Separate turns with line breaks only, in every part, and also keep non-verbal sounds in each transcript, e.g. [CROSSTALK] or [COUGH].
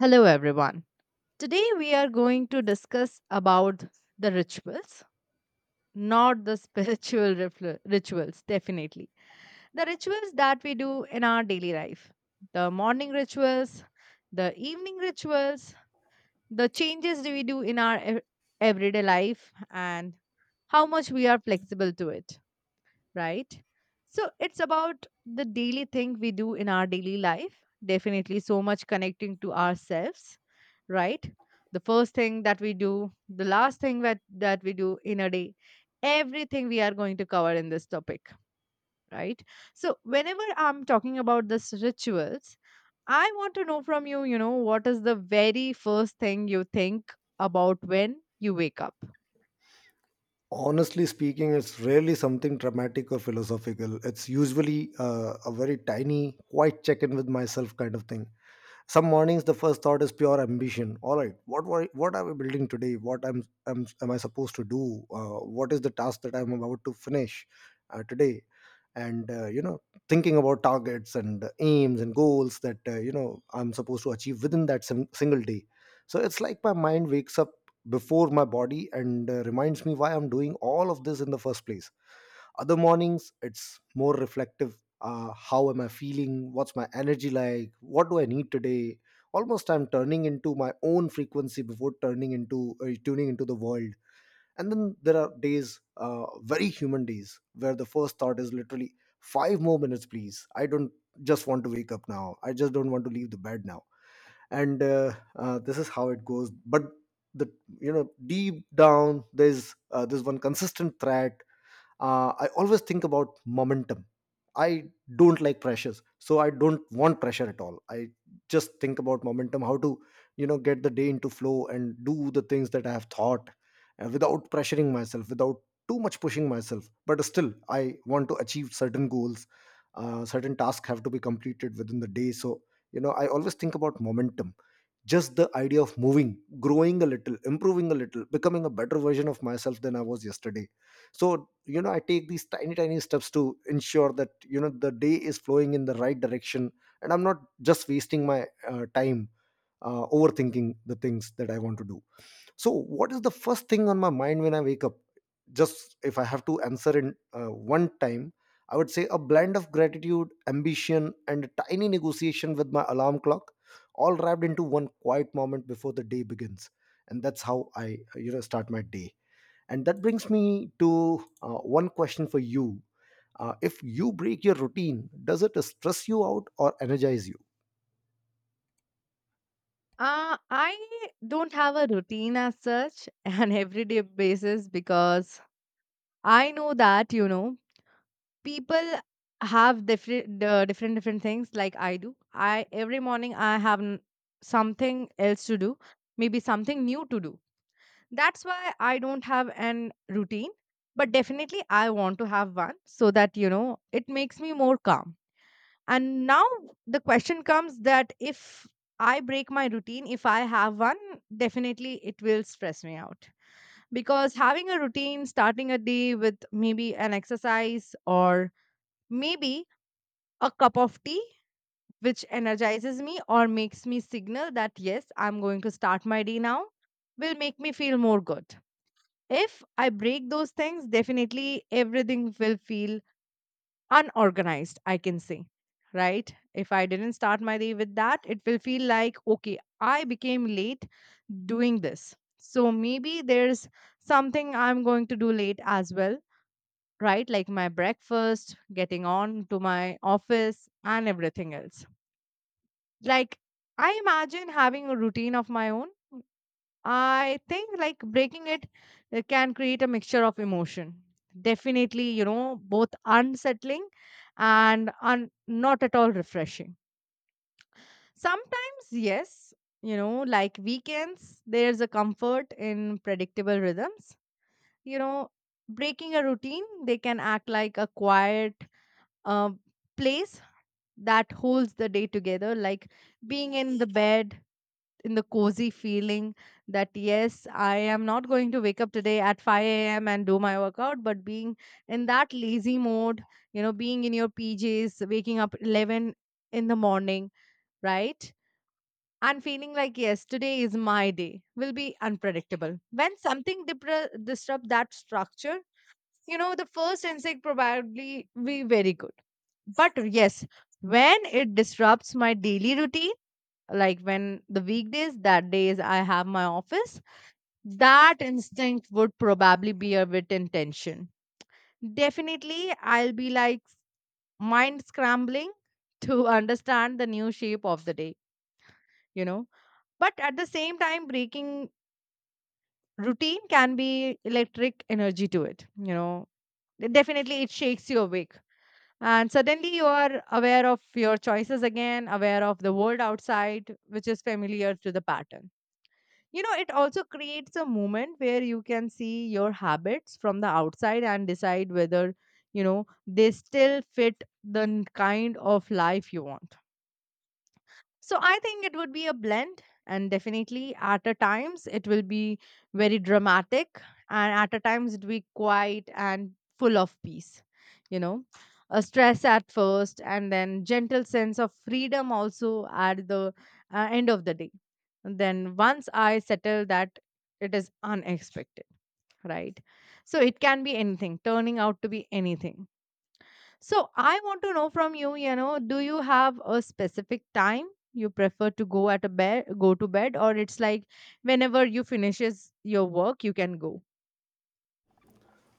Hello everyone. Today we are going to discuss about the rituals, not the [LAUGHS] rituals definitely. The rituals that we do in our daily life. The morning rituals, the evening rituals, the changes we do in our everyday life, and how much we are flexible to it, right? So it's about the daily thing we do in our daily life. Definitely so much connecting to ourselves, right? The first thing that we do, the last thing that we do in a day, everything we are going to cover in this topic, right? So whenever I'm talking about this rituals, I want to know from you, what is the very first thing you think about when you wake up?
Honestly speaking, it's rarely something dramatic or philosophical. It's usually a very tiny, quiet check-in with myself kind of thing. Some mornings, the first thought is pure ambition. All right, what are we building today? Am I supposed to do? What is the task that I'm about to finish today? And thinking about targets and aims and goals that I'm supposed to achieve within that single day. So it's like my mind wakes up before my body and reminds me why I'm doing all of this in the first place. Other mornings, it's more reflective. How am I feeling, what's my energy like, what do I need today? Almost I'm turning into my own frequency before turning into tuning into the world. And then there are days, very human days, where the first thought is literally, five more minutes please, I don't just want to wake up now, I just don't want to leave the bed now. And this is how it goes. But the you know, deep down, there's one consistent thread. I always think about momentum. I don't like pressures, so I don't want pressure at all. I just think about momentum, how to, you know, get the day into flow and do the things that I have thought, without pressuring myself, without too much pushing myself, but still I want to achieve certain goals. Certain tasks have to be completed within the day. So, you know, I always think about momentum, just the idea of moving, growing a little, improving a little, becoming a better version of myself than I was yesterday. So, you know, I take these tiny tiny steps to ensure that, you know, the day is flowing in the right direction, and I'm not just wasting my time overthinking the things that I want to do. So what is the first thing on my mind when I wake up? Just, if I have to answer in one time, I would say a blend of gratitude, ambition, and a tiny negotiation with my alarm clock, all wrapped into one quiet moment before the day begins. And that's how I start my day. And that brings me to one question for you. If you break your routine, does it stress you out or energize you?
I don't have a routine as such, [LAUGHS] an everyday basis because I know that, people have different things like I do. I every morning I have something else to do, maybe something new to do. That's why I don't have an routine, but definitely I want to have one so that, it makes me more calm. And now the question comes that if I break my routine, if I have one, definitely it will stress me out. Because having a routine, starting a day with maybe an exercise or maybe a cup of tea, which energizes me or makes me signal that yes, I'm going to start my day now, will make me feel more good. If I break those things, definitely everything will feel unorganized, I can say, right? If I didn't start my day with that, it will feel like, okay, I became late doing this. So maybe there's something I'm going to do late as well, right? Like my breakfast, getting on to my office, and everything else. Like, I imagine having a routine of my own. I think like breaking it can create a mixture of emotion. Definitely, you know, both unsettling and not at all refreshing. Sometimes, yes, you know, like weekends, there's a comfort in predictable rhythms. You know, breaking a routine, they can act like a quiet uh, place that holds the day together, like being in the bed in the cozy feeling that yes, I am not going to wake up today at 5 a.m. and do my workout, but being in that lazy mode, you know, being in your PJs, waking up 11 in the morning, right? And feeling like, yes, today is my day will be unpredictable. When something dipra disrupt that structure, you know, the first instinct probably be very good. But yes, when it disrupts my daily routine, like when the weekdays, that days I have my office, that instinct would probably be a bit in tension. Definitely I'll be like mind scrambling [LAUGHS] to understand the new shape of the day, you know. But at the same time, breaking routine can be electric energy to it, you know. Definitely it shakes you awake, and suddenly you are aware of your choices again, aware of the world outside which is familiar to the pattern. You know, it also creates a moment where you can see your habits from the outside and decide whether, you know, they still fit the kind of life you want. So I think it would be a blend, and definitely at a times it will be very dramatic, and at a times it will be quiet and full of peace. You know, a stress at first, and then gentle sense of freedom also at the end of the day. And then once I settle that, it is unexpected, right? So it can be anything, turning out to be anything. So I want to know from you, you know, do you have a specific time you prefer to go at a bed, go to bed, or it's like whenever you finishes your work, you can go?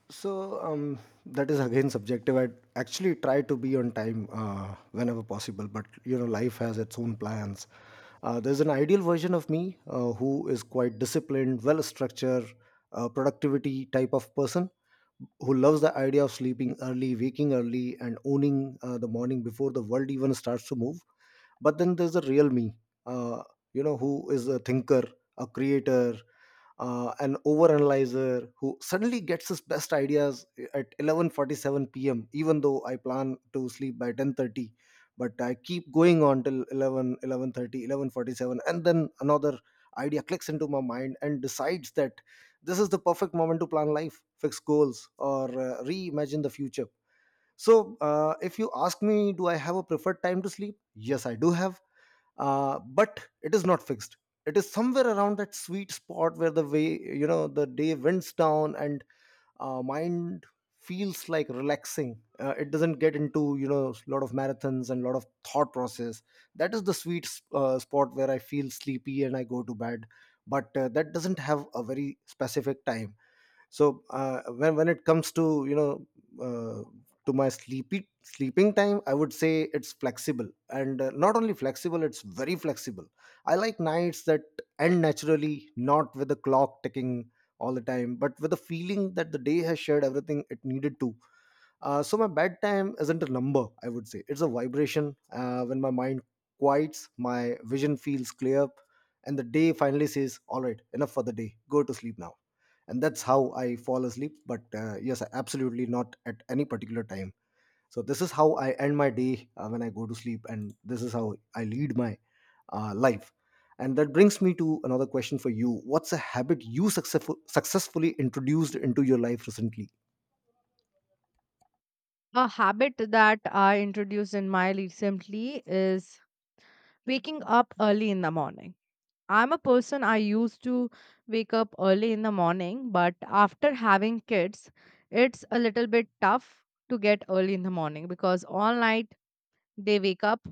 So that is again subjective. I actually try to be on time whenever possible, but you know, life has its own plans. There's an ideal version of me who is quite disciplined, well structured, productivity type of person who loves the idea of sleeping early, waking early, and owning the morning before the world even starts to move. But then there's a real me, uh, you know, who is a thinker, a creator, an overanalyzer, who suddenly gets his best ideas at 11:47 p.m. Even though I plan to sleep by 10:30, but I keep going on till 11, 11:47, and then another idea clicks into my mind and decides that this is the perfect moment to plan life, fix goals, or reimagine the future. So if you ask me, do I have a preferred time to sleep? Yes, I do have, but it is not fixed. It is somewhere around that sweet spot where the way, you know, the day winds down and mind feels like relaxing. It doesn't get into, you know, a lot of marathons and a lot of thought process. That is the sweet spot where I feel sleepy and I go to bed. But that doesn't have a very specific time. So when it comes to, you know, uh, to my sleepy sleeping time, I would say it's flexible and not only flexible, it's very flexible. I like nights that end naturally, not with the clock ticking all the time, but with the feeling that the day has shared everything it needed to. So my bedtime isn't a number, I would say it's a vibration. When my mind quiets, my vision feels clear, and the day finally says, all right, enough for the day, go to sleep now. And that's how I fall asleep. But yes, absolutely not at any particular time. So this is how I end my day, when I go to sleep. And this is how I lead my life. And that brings me to another question for you. What's a habit you successfully introduced into your life recently?
A habit that I introduced in my recently is waking up early in the morning. I'm a person I used to wake up early in the morning, but after having kids, it's a little bit tough to get early in the morning because all night they wake up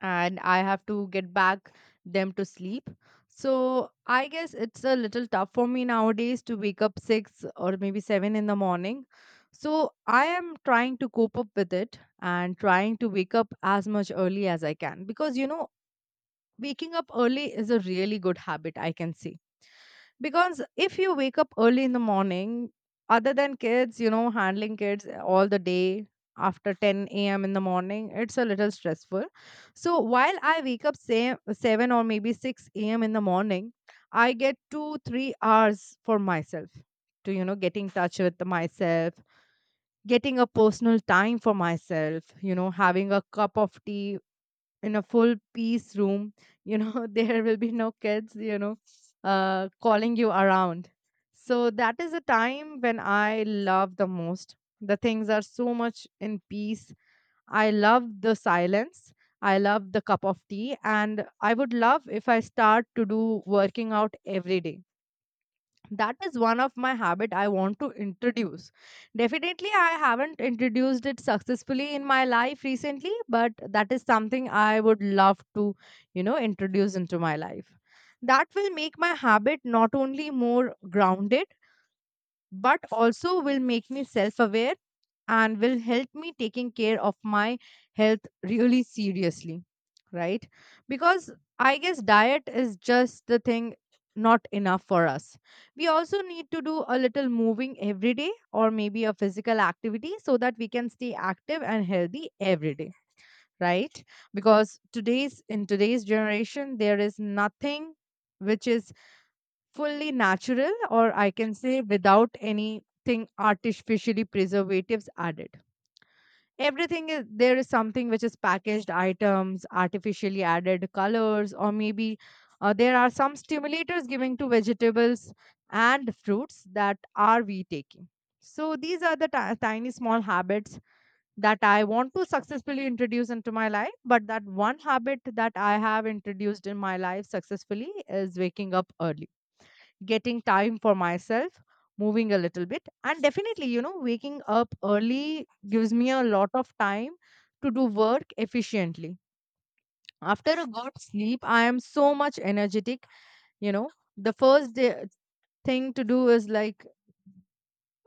and I have to get back them to sleep. So I guess it's a little tough for me nowadays to wake up 6 or maybe 7 in the morning. So I am trying to cope up with it and trying to wake up as much early as I can, because, you know, waking up early is a really good habit, I can see. Because if you wake up early in the morning, other than kids, you know, handling kids all the day after 10 a.m. in the morning, it's a little stressful. So while I wake up, say, 7 or maybe 6 a.m. in the morning, I get 2 3 hours for myself to, you know, get in touch with myself, getting a personal time for myself, you know, having a cup of tea in a full peace room. You know, [LAUGHS] there will be no kids, you know, calling you around. So that is the time when I love the most. The things are so much in peace. I love the silence, I love the cup of tea, and I would love if I start to do working out every day. That is one of my habit I want to introduce. Definitely I haven't introduced it successfully in my life recently, but that is something I would love to, you know, introduce into my life. That will make my habit not only more grounded, but also will make me self-aware, and will help me taking care of my health really seriously, right? Because I guess diet is just the thing, not enough for us. We also need to do a little moving every day, or maybe a physical activity, so that we can stay active and healthy every day, right? Because today's in today's generation, there is nothing which is fully natural, or I can say, without anything artificially preservatives added. Everything is there is something which is packaged items, artificially added colors, or maybe there are some stimulators giving to vegetables and fruits that are we taking. So these are the tiny small habits that I want to successfully introduce into my life. But that one habit that I have introduced in my life successfully is waking up early, getting time for myself, moving a little bit. And definitely, you know, waking up early gives me a lot of time to do work efficiently. After a good sleep, I am so much energetic. You know, the first day, thing to do is like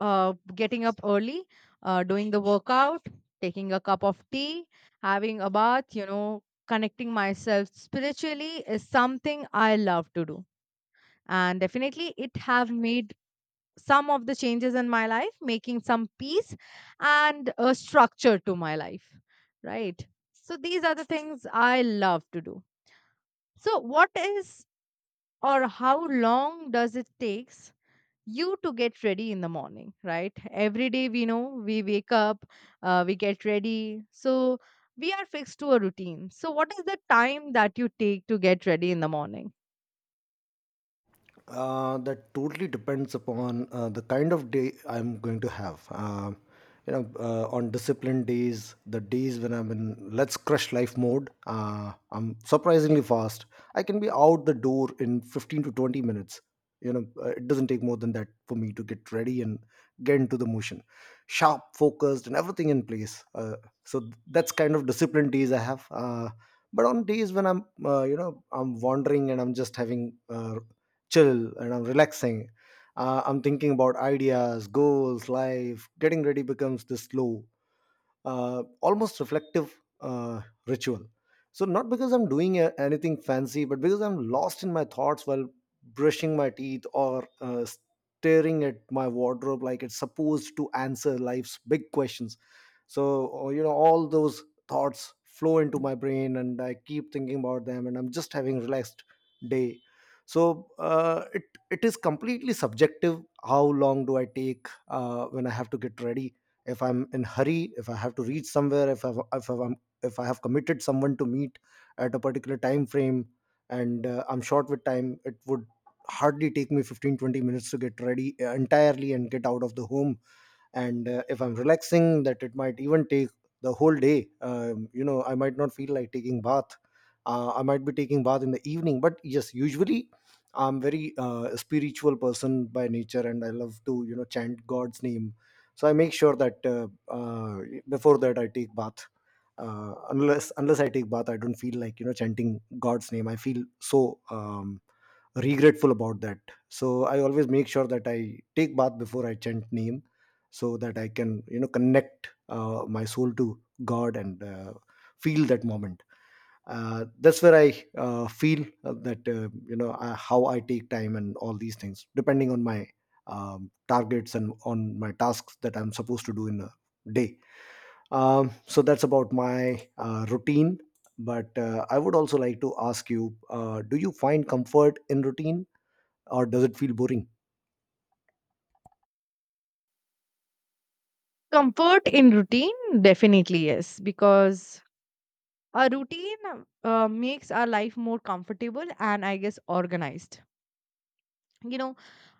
getting up early, doing the workout, taking a cup of tea, having a bath, you know, connecting myself spiritually is something I love to do. And definitely it have made some of the changes in my life, making some peace and a structure to my life, right? So these are the things I love to do. So what is, or how long does it takes you to get ready in the morning, right? Every day we know we wake up, we get ready. So we are fixed to a routine. So what is the time that you take to get ready in the morning?
That totally depends upon the kind of day I'm going to have. You know, on disciplined days, the days when I'm in let's crush life mode, I'm surprisingly fast. I can be out the door in 15 to 20 minutes. You know, it doesn't take more than that for me to get ready and get into the motion. Sharp, focused, and everything in place. So that's kind of disciplined days I have. But on days when I'm you know, I'm wandering and I'm just having chill and I'm relaxing. I'm thinking about ideas, goals, life. Getting ready becomes this slow, almost reflective uh, ritual. So, not because I'm doing anything fancy, but because I'm lost in my thoughts while brushing my teeth or staring at my wardrobe like it's supposed to answer life's big questions. So, or, you know, all those thoughts flow into my brain and I keep thinking about them, and I'm just having relaxed day. So, it is completely subjective. How long do I take when I have to get ready? If I'm in hurry, if I have to reach somewhere, if I have committed someone to meet at a particular time frame, and I'm short with time, it would hardly take me 15-20 minutes to get ready entirely and get out of the home. And if I'm relaxing, that it might even take the whole day. You know, I might not feel like taking bath. I might be taking bath in the evening, but yes, usually I'm very spiritual person by nature, and I love to, you know, chant god's name. So I make sure that uh, before that I take bath. Unless I take bath, I don't feel like, you know, chanting god's name. I feel so regretful about that. So I always make sure that I take bath before I chant name, so that I can, you know, connect my soul to god and feel that moment. That's where I feel that you know I, how I take time, and all these things depending on my targets and on my tasks that I'm supposed to do in a day. So that's about my routine. But I would also like to ask you, do you find comfort in routine, or does it feel boring?
Comfort in routine? Definitely yes, because a routine makes our life more comfortable and, I guess, organized, you know.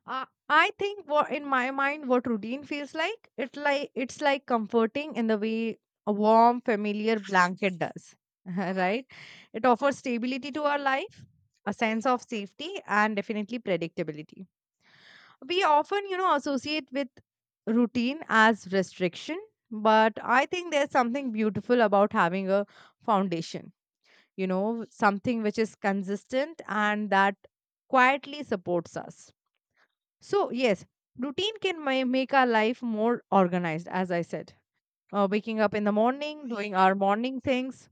I think, what in my mind what routine feels like, it's like comforting in the way a warm familiar blanket does, [LAUGHS] right? It offers stability to our life, a sense of safety, and definitely predictability. We often, you know, associate with routine as restriction, but I think there's something beautiful about having a foundation, you know, something which is consistent and that quietly supports us. So yes, routine can make our life more organized, as I said. Waking up in the morning, doing our morning things,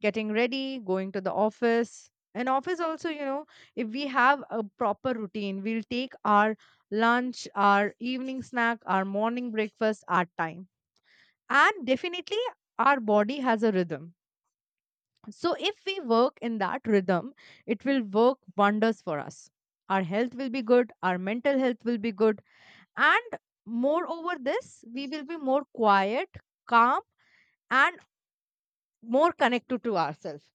getting ready, going to the office. And office also, you know, if we have a proper routine, we'll take our lunch, our evening snack, our morning breakfast, our time. And definitely, our body has a rhythm, so if we work in that rhythm, it will work wonders for us. Our health will be good, our mental health will be good, and moreover, this we will be more quiet, calm, and more connected to ourselves,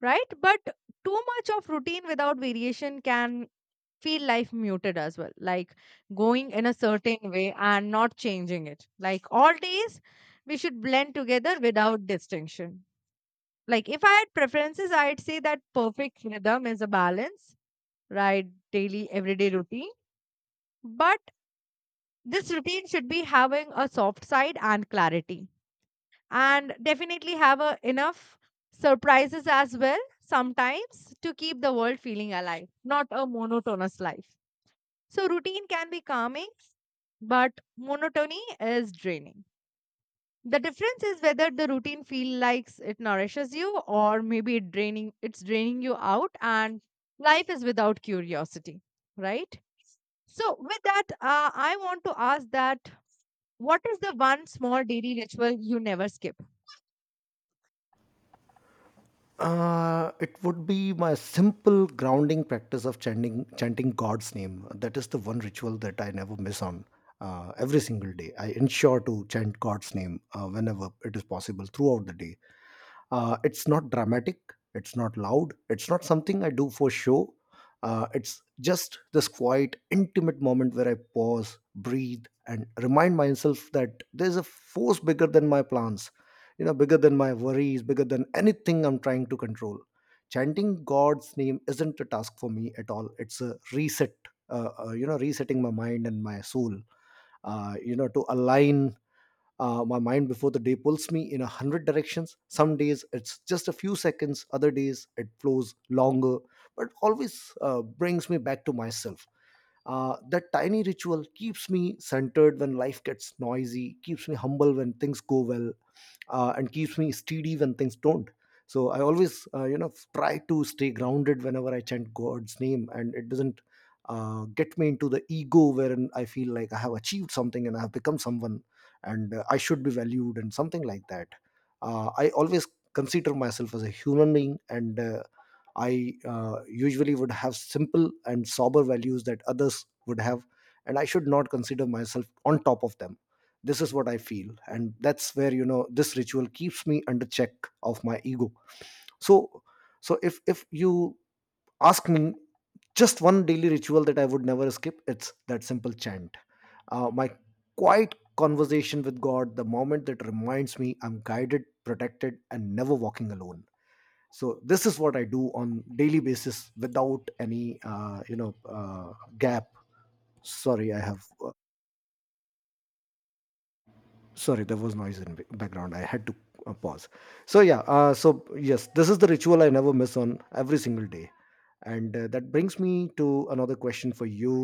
right? But too much of routine without variation can feel life muted as well, like going in a certain way and not changing it. Like all days, we should blend together without distinction. Like if I had preferences, I'd say that perfect rhythm is a balance, right? Daily, everyday routine. But this routine should be having a soft side and clarity, and definitely have enough surprises as well sometimes to keep the world feeling alive, not a monotonous life. So, routine can be calming, but monotony is draining. The difference is whether the routine feel likes it nourishes you or maybe it draining it's draining you out, and life is without curiosity, right? So with that, I want to ask that what is the one small daily ritual you never skip?
It would be my simple grounding practice of chanting God's name. That is the one ritual that I never miss on. Every single day, I ensure to chant God's name whenever it is possible throughout the day. It's not dramatic, it's not loud, it's not something I do for show. It's just this quiet, intimate moment where I pause, breathe, and remind myself that there's a force bigger than my plans, you know, bigger than my worries, bigger than anything I'm trying to control. Chanting God's name isn't a task for me at all. It's a reset, you know, resetting my mind and my soul, you know, to align my mind before the day pulls me in 100 directions. Some days it's just a few seconds, other days it flows longer, but always brings me back to myself. That tiny ritual keeps me centered when life gets noisy, keeps me humble when things go well, and keeps me steady when things don't. So I always, you know, try to stay grounded whenever I chant God's name, and it doesn't get me into the ego wherein I feel like I have achieved something and I have become someone, and I should be valued and something like that. I always consider myself as a human being, and I usually would have simple and sober values that others would have, and I should not consider myself on top of them. This is what I feel, and that's where, you know, this ritual keeps me under check of my ego. So so if if you ask me just one daily ritual that I would never skip, it's that simple chant, my quiet conversation with God, the moment that reminds me I'm guided, protected, and never walking alone. So this is what I do on daily basis without any uh, gap. Sorry, I have sorry, there was noise in background, I had to pause. So yes, this is the ritual I never miss on every single day. And that brings me to another question for you.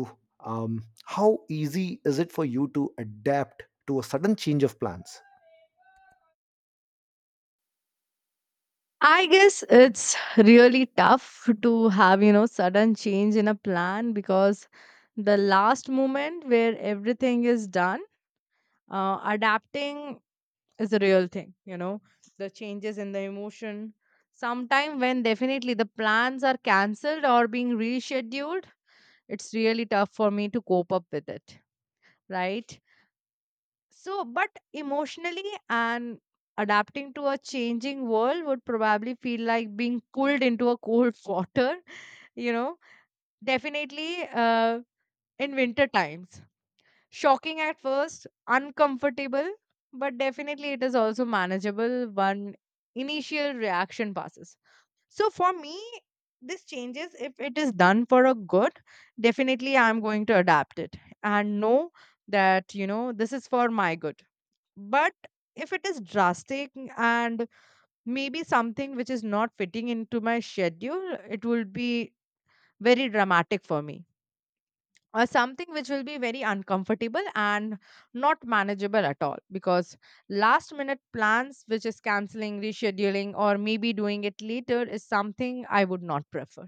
How easy is it for you to adapt to a sudden change of plans?
I guess it's really tough to have, you know, sudden change in a plan, because the last moment where everything is done, adapting is a real thing, you know. The changes in the emotion sometime, when definitely the plans are cancelled or being rescheduled, it's really tough for me to cope up with it, right? So but emotionally, and adapting to a changing world, would probably feel like being pulled into a cold [LAUGHS] water, you know. Definitely in winter times. Shocking at first, uncomfortable, but definitely it is also manageable when initial reaction passes. So for me, this changes if it is done for a good, definitely I'm going to adapt it and know that, you know, this is for my good. But if it is drastic and maybe something which is not fitting into my schedule, it will be very dramatic for me, something which will be very uncomfortable and not manageable at all, because last minute plans which is canceling, rescheduling, or maybe doing it later is something I would not prefer,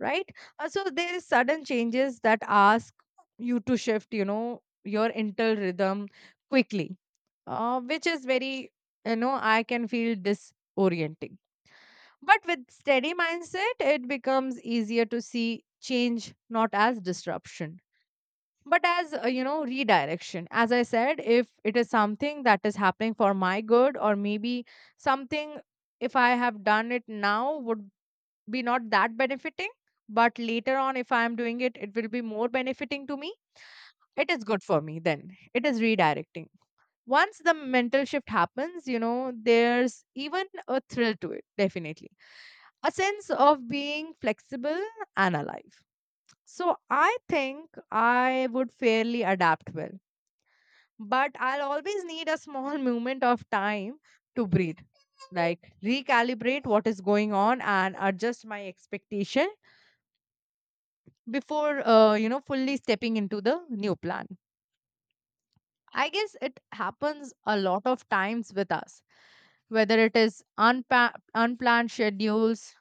right? So there is sudden changes that ask you to shift, you know, your internal rhythm quickly, which is very, you know, I can feel disorienting. But with steady mindset it becomes easier to see change not as disruption but as, you know, redirection. As I said, if it is something that is happening for my good, or maybe something, if I have done it now would be not that benefiting, but later on if I am doing it it will be more benefiting to me, it is good for me. Then it is redirecting. Once the mental shift happens, you know, there's even a thrill to it. Definitely a sense of being flexible and alive. So I think I would fairly adapt well, but I'll always need a small moment of time to breathe, like recalibrate what is going on and adjust my expectation before, you know, fully stepping into the new plan. I guess it happens a lot of times with us, whether it is unplanned schedules,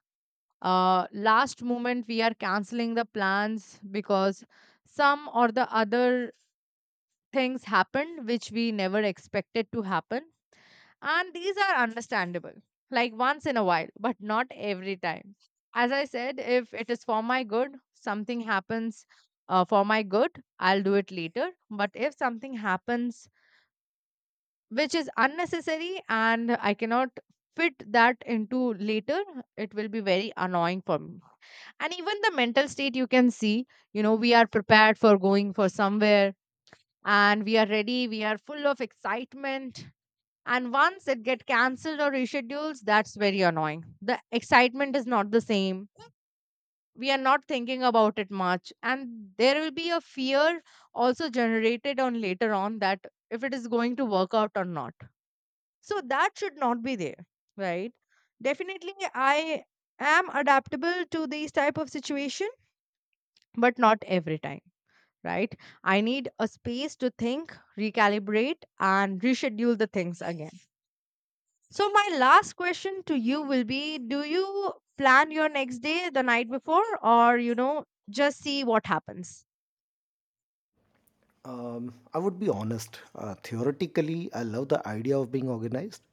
last moment we are canceling the plans because some or the other things happened which we never expected to happen. And these are understandable, like once in a while, but not every time. As I said, if it is for my good, something happens for my good, I'll do it later. But if something happens which is unnecessary and I cannot fit that into later, it will be very annoying for me. And even the mental state you can see, you know, we are prepared for going for somewhere and we are ready, we are full of excitement, and once it get cancelled or reschedules, that's very annoying. The excitement is not the same, we are not thinking about it much, and there will be a fear also generated on later on, that if it is going to work out or not. So that should not be there, right? Definitely I am adaptable to these type of situation, but not every time, right? I need a space to think, recalibrate, and reschedule the things again. So, my last question to you will be, do you plan your next day the night before, or, you know, just see what happens?
I would be honest. Theoretically, I love the idea of being organized,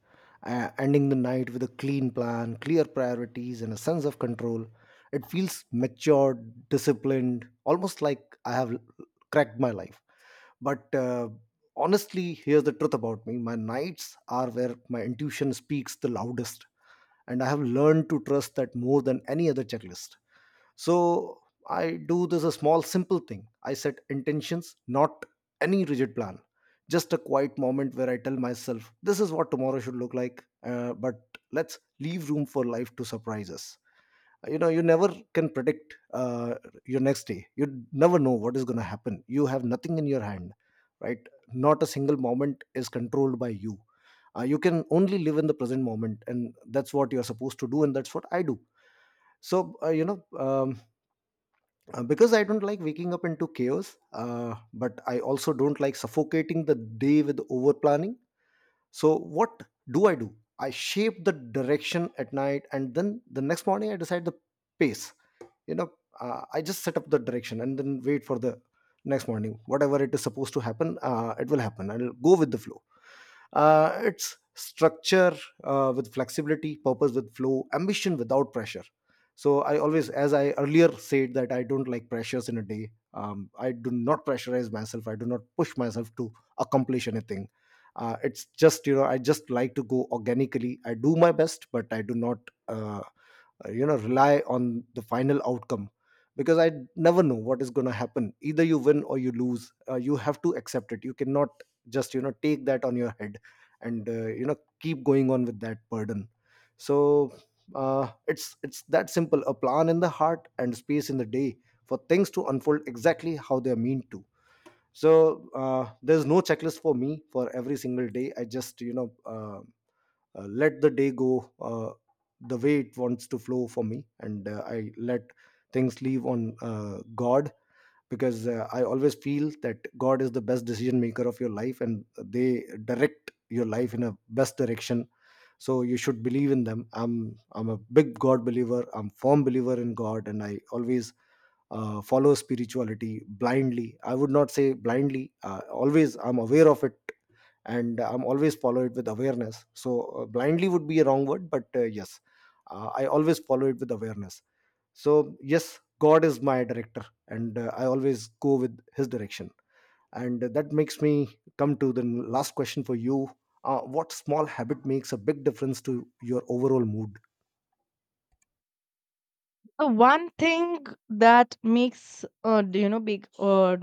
ending the night with a clean plan, clear priorities, and a sense of control. It feels matured, disciplined, almost like I have cracked my life. But honestly, here's the truth about me: my nights are where my intuition speaks the loudest, and I have learned to trust that more than any other checklist. So I do this a small, simple thing. I set intentions, not any rigid plan. Just a quiet moment where I tell myself, this is what tomorrow should look like, but let's leave room for life to surprise us. You know, you never can predict your next day. You never know what is going to happen. You have nothing in your hand, right? Not a single moment is controlled by you. You can only live in the present moment, and that's what you're supposed to do, and that's what I do. So because I don't like waking up into chaos, but I also don't like suffocating the day with over planning. So, what do? I shape the direction at night, and then the next morning I decide the pace. You know, I just set up the direction and then wait for the next morning. Whatever it is supposed to happen, it will happen. I'll go with the flow. It's structure with flexibility, purpose with flow, ambition without pressure. So I always, as I earlier said, that I don't like pressures in a day. I do not pressurize myself. I do not push myself to accomplish anything. It's just, you know, I just like to go organically. I do my best, but I do not. Uh, you know, rely on the final outcome, because I never know what is going to happen. Either you win or you lose, you have to accept it. You cannot just, you know, take that on your head and, you know, keep going on with that burden. So it's that simple, a plan in the heart and space in the day for things to unfold exactly how they're meant to. So there's no checklist for me for every single day. I just, you know, let the day go the way it wants to flow for me, and I let things leave on God, because I always feel that God is the best decision maker of your life and they direct your life in a best direction. So you should believe in them. I'm a big God believer, I'm firm believer in God, and I always follow spirituality blindly. I would not say blindly, always I'm aware of it and I'm always follow it with awareness. So blindly would be a wrong word, but yes, I always follow it with awareness. So yes, God is my director, and I always go with his direction. And that makes me come to the last question for you. What small habit makes a big difference to your overall mood?
One thing that makes you know, big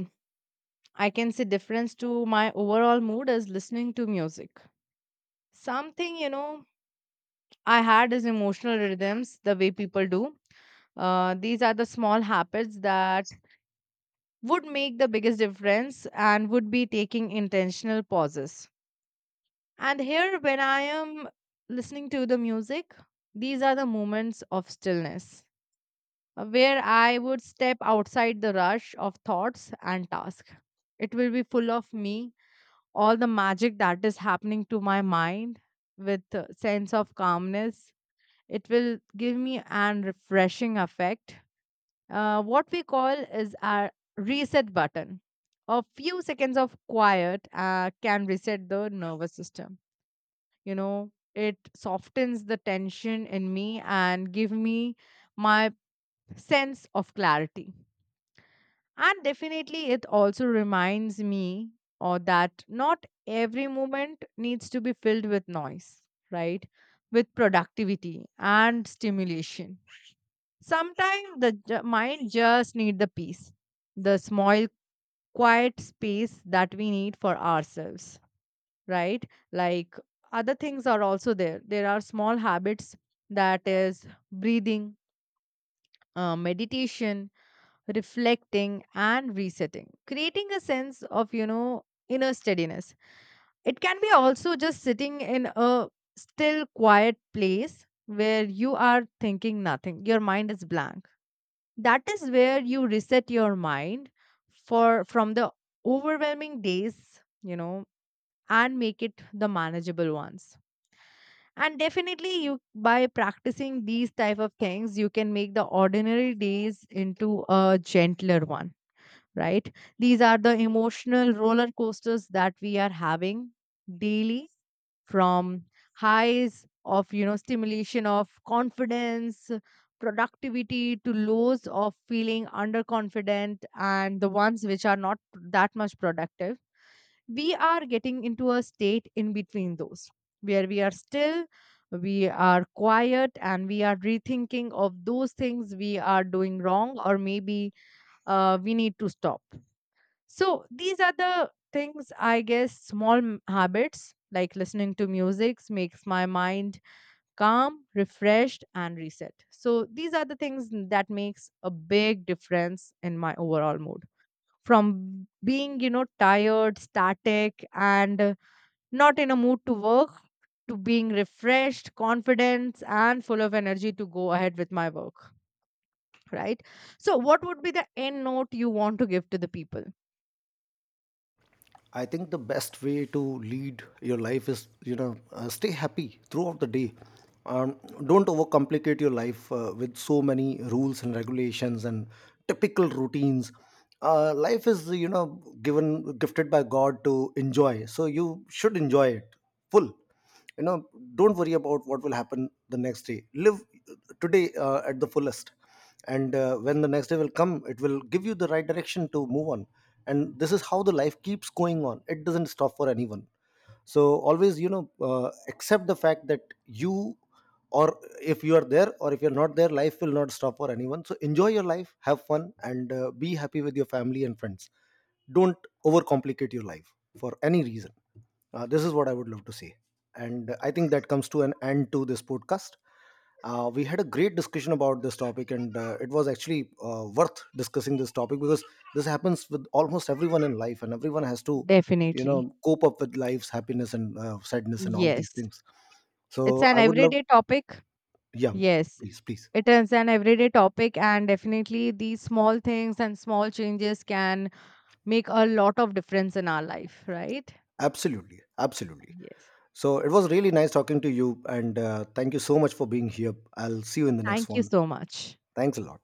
I can say difference to my overall mood is listening to music. Something, you know, I had is emotional rhythms the way people do. These are the small habits that would make the biggest difference, and would be taking intentional pauses. And here, when I am listening to the music, these are the moments of stillness, where I would step outside the rush of thoughts and tasks. It will be full of me, all the magic that is happening to my mind with a sense of calmness. It will give me an refreshing effect. What we call is our reset button. A few seconds of quiet can reset the nervous system, you know. It softens the tension in me and give me my sense of clarity, and definitely it also reminds me or that not every moment needs to be filled with noise, right? With productivity and stimulation, sometimes the mind just need the peace, the small quiet space that we need for ourselves, right? Like other things are also there are small habits, that is breathing, meditation, reflecting and resetting, creating a sense of, you know, inner steadiness. It can be also just sitting in a still quiet place where you are thinking nothing, your mind is blank. That is where you reset your mind for, from the overwhelming days, you know, and make it the manageable ones. And definitely you, by practicing these type of things, you can make the ordinary days into a gentler one, right? These are the emotional roller coasters that we are having daily, from highs of, you know, stimulation of confidence, productivity, to lows of feeling underconfident and the ones which are not that much productive. We are getting into a state in between those, where we are still, we are quiet, and we are rethinking of those things we are doing wrong, or maybe we need to stop. So these are the things, I guess, small habits like listening to music makes my mind calm, refreshed, and reset. So these are the things that makes a big difference in my overall mood, from being, you know, tired, static, and not in a mood to work, to being refreshed, confident, and full of energy to go ahead with my work, right? So, what would be the end note you want to give to the people?
I think the best way to lead your life is, you know, stay happy throughout the day. Don't overcomplicate your life with so many rules and regulations and typical routines. Life is, you know, given gifted by God to enjoy, so you should enjoy it full, you know. Don't worry about what will happen the next day. Live today at the fullest. And when the next day will come, it will give you the right direction to move on. And this is how the life keeps going on. It doesn't stop for anyone. So always, you know, accept the fact that you or if you are there or if you're not there, life will not stop for anyone. So enjoy your life, have fun, and be happy with your family and friends. Don't overcomplicate your life for any reason. This is what I would love to say. And I think that comes to an end to this podcast. We had a great discussion about this topic, and it was actually worth discussing this topic, because this happens with almost everyone in life, and everyone has to, you
Definitely.
know, cope up with life's happiness and sadness and all these
Yes.
things.
It's
So
an
I would love,
everyday topic.
yeah,
Yes.
please, please,
It is an everyday topic, and definitely these small things and small changes can make a lot of difference in our life, right?
absolutely, absolutely.
Yes.
So it was really nice talking to you, and thank you so much for being here. I'll see you in the next
Thank you
one.
so much.
Thanks a lot.